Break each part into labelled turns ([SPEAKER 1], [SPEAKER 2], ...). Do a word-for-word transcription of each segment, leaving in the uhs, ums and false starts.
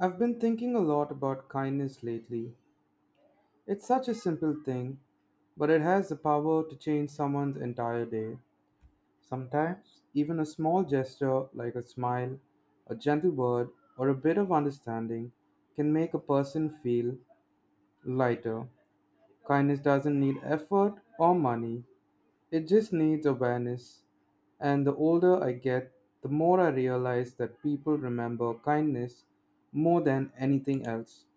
[SPEAKER 1] I've been thinking a lot about kindness lately. It's such a simple thing, but it has the power to change someone's entire day. Sometimes, even a small gesture like a smile, a gentle word, or a bit of understanding can make a person feel lighter. Kindness doesn't need effort or money, it just needs awareness. And the older I get, the more I realize that people remember kindness more than anything else.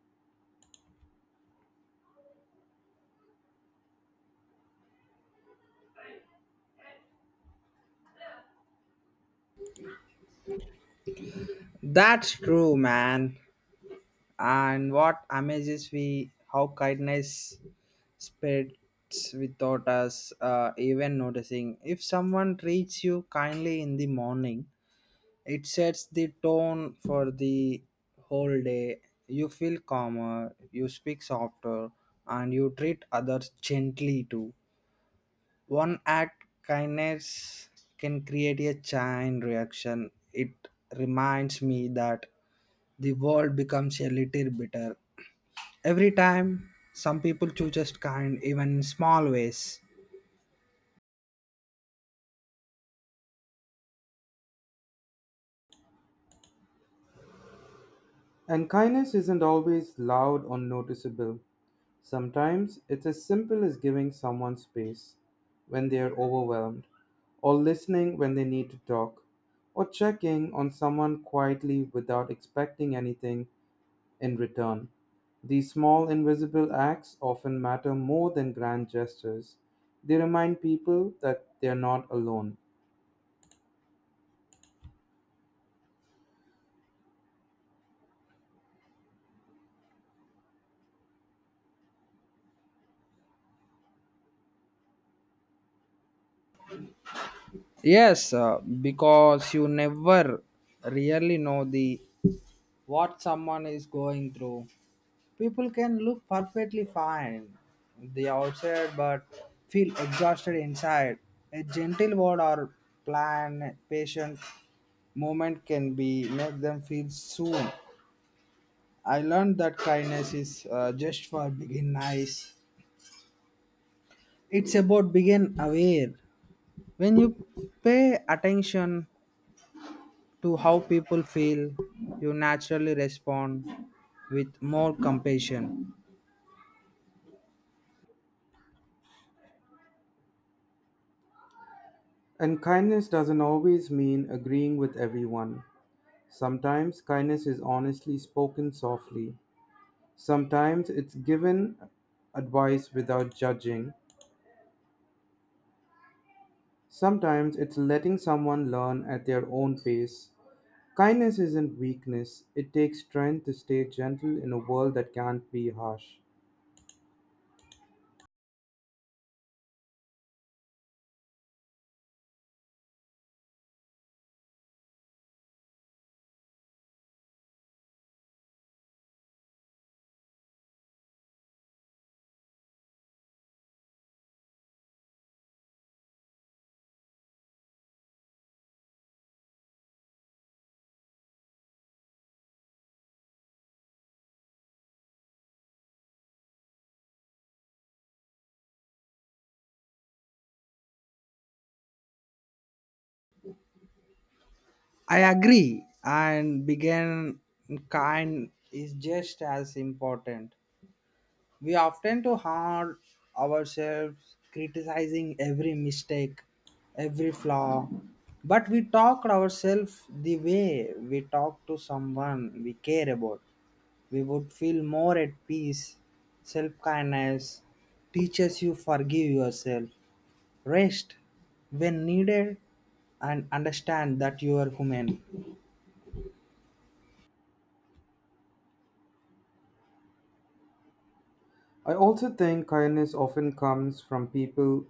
[SPEAKER 2] That's true, man. And what amazes me, how kindness spreads without us uh, even noticing. If someone treats you kindly in the morning, it sets the tone for the whole day. You feel calmer, you speak softer, and you treat others gently too. One act kindness can create a chain reaction. It reminds me that the world becomes a little bitter every time some people choose just kind even in small ways.
[SPEAKER 1] And kindness isn't always loud or noticeable. Sometimes it's as simple as giving someone space when they are overwhelmed, or listening when they need to talk, or checking on someone quietly without expecting anything in return. These small invisible acts often matter more than grand gestures. They remind people that they are not alone.
[SPEAKER 2] Yes, uh, because you never really know the what someone is going through. People can look perfectly fine the outside but feel exhausted inside. A gentle word or plan patient moment can be make them feel soon. I learned that kindness is uh, just for begin nice. It's about being aware. When you pay attention to how people feel, you naturally respond with more compassion.
[SPEAKER 1] And kindness doesn't always mean agreeing with everyone. Sometimes kindness is honestly spoken softly. Sometimes it's given advice without judging. Sometimes it's letting someone learn at their own pace. Kindness isn't weakness, it takes strength to stay gentle in a world that can't be harsh.
[SPEAKER 2] I agree, and being kind is just as important. We often too hard ourselves criticizing every mistake, every flaw, but we talk ourselves the way we talk to someone we care about, we would feel more at peace. Self kindness teaches you forgive yourself, rest when needed, and understand that you are human.
[SPEAKER 1] I also think kindness often comes from people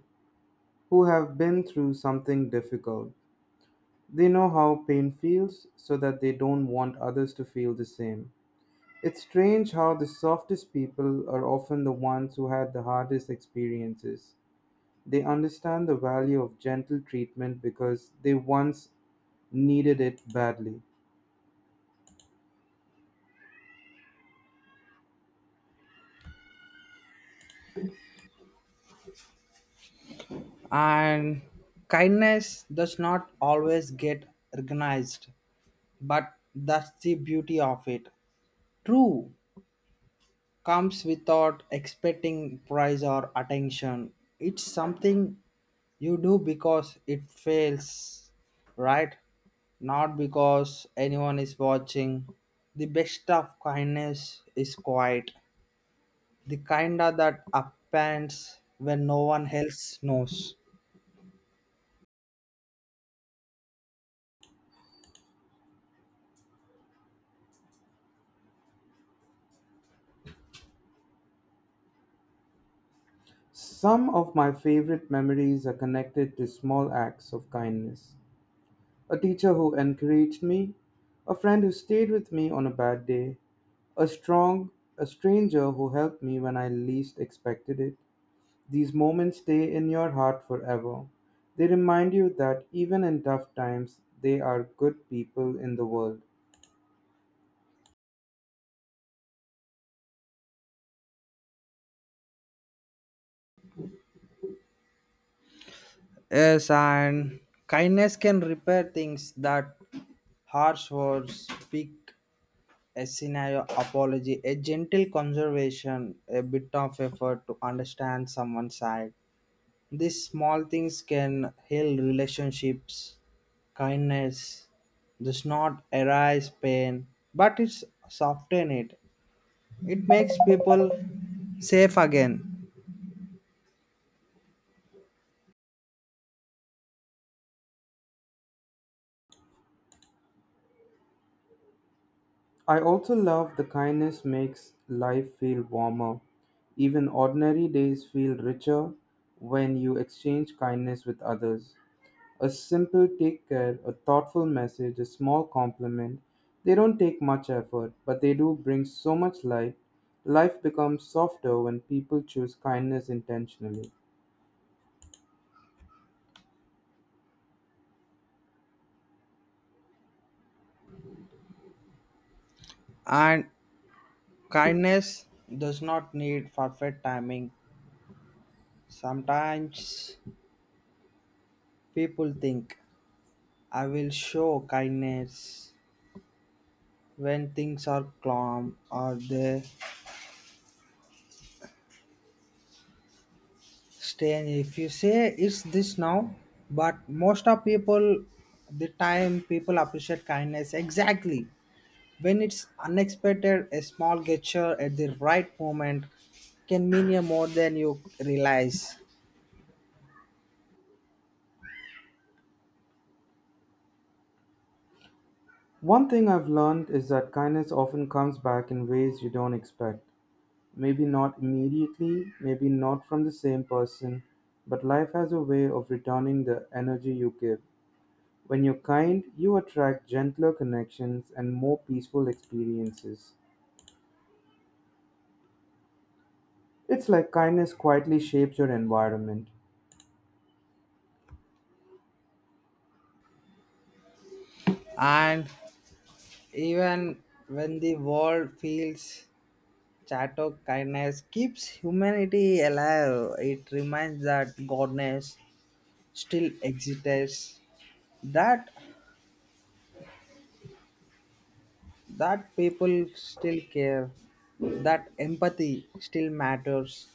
[SPEAKER 1] who have been through something difficult. They know how pain feels so that they don't want others to feel the same. It's strange how the softest people are often the ones who had the hardest experiences. They understand the value of gentle treatment because they once needed it badly.
[SPEAKER 2] And kindness does not always get recognized, but that's the beauty of it. True, comes without expecting praise or attention. It's something you do because it fails, right? Not because anyone is watching. The best of kindness is quiet, the kind of that upends when no one else knows.
[SPEAKER 1] Some of my favorite memories are connected to small acts of kindness. A teacher who encouraged me, a friend who stayed with me on a bad day, a strong a stranger who helped me when I least expected it. These moments stay in your heart forever. They remind you that even in tough times, they are good people in the world.
[SPEAKER 2] Yes, and kindness can repair things that harsh words speak, a scenario apology, a gentle conservation, a bit of effort to understand someone's side. These small things can heal relationships. Kindness does not erase pain, but it's soften it. It makes people safe again.
[SPEAKER 1] I also love the kindness makes life feel warmer. Even ordinary days feel richer when you exchange kindness with others. A simple take care, a thoughtful message, a small compliment, they don't take much effort, but they do bring so much light. Life becomes softer when people choose kindness intentionally.
[SPEAKER 2] And kindness does not need perfect timing. Sometimes people think I will show kindness when things are calm or they strange if you say it's this now, but most of people the time people appreciate kindness exactly when it's unexpected. A small gesture at the right moment can mean you more than you realize.
[SPEAKER 1] One thing I've learned is that kindness often comes back in ways you don't expect. Maybe not immediately, maybe not from the same person, but life has a way of returning the energy you give. When you're kind, you attract gentler connections and more peaceful experiences. It's like kindness quietly shapes your environment.
[SPEAKER 2] And even when the world feels chato, kindness keeps humanity alive. It reminds that goodness still exists, that that people still care, that empathy still matters.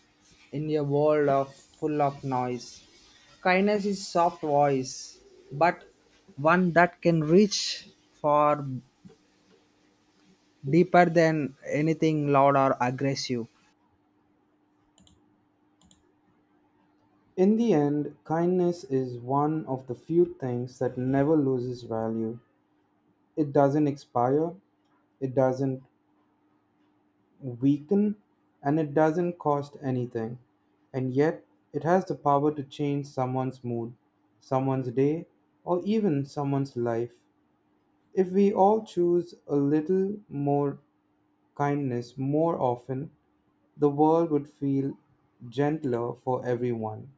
[SPEAKER 2] In a world of full of noise, kindness is soft voice, but one that can reach far deeper than anything loud or aggressive.
[SPEAKER 1] In the end, kindness is one of the few things that never loses value. It doesn't expire, it doesn't weaken and it doesn't cost anything. And yet, it has the power to change someone's mood, someone's day, or even someone's life. If we all choose a little more kindness more often, the world would feel gentler for everyone.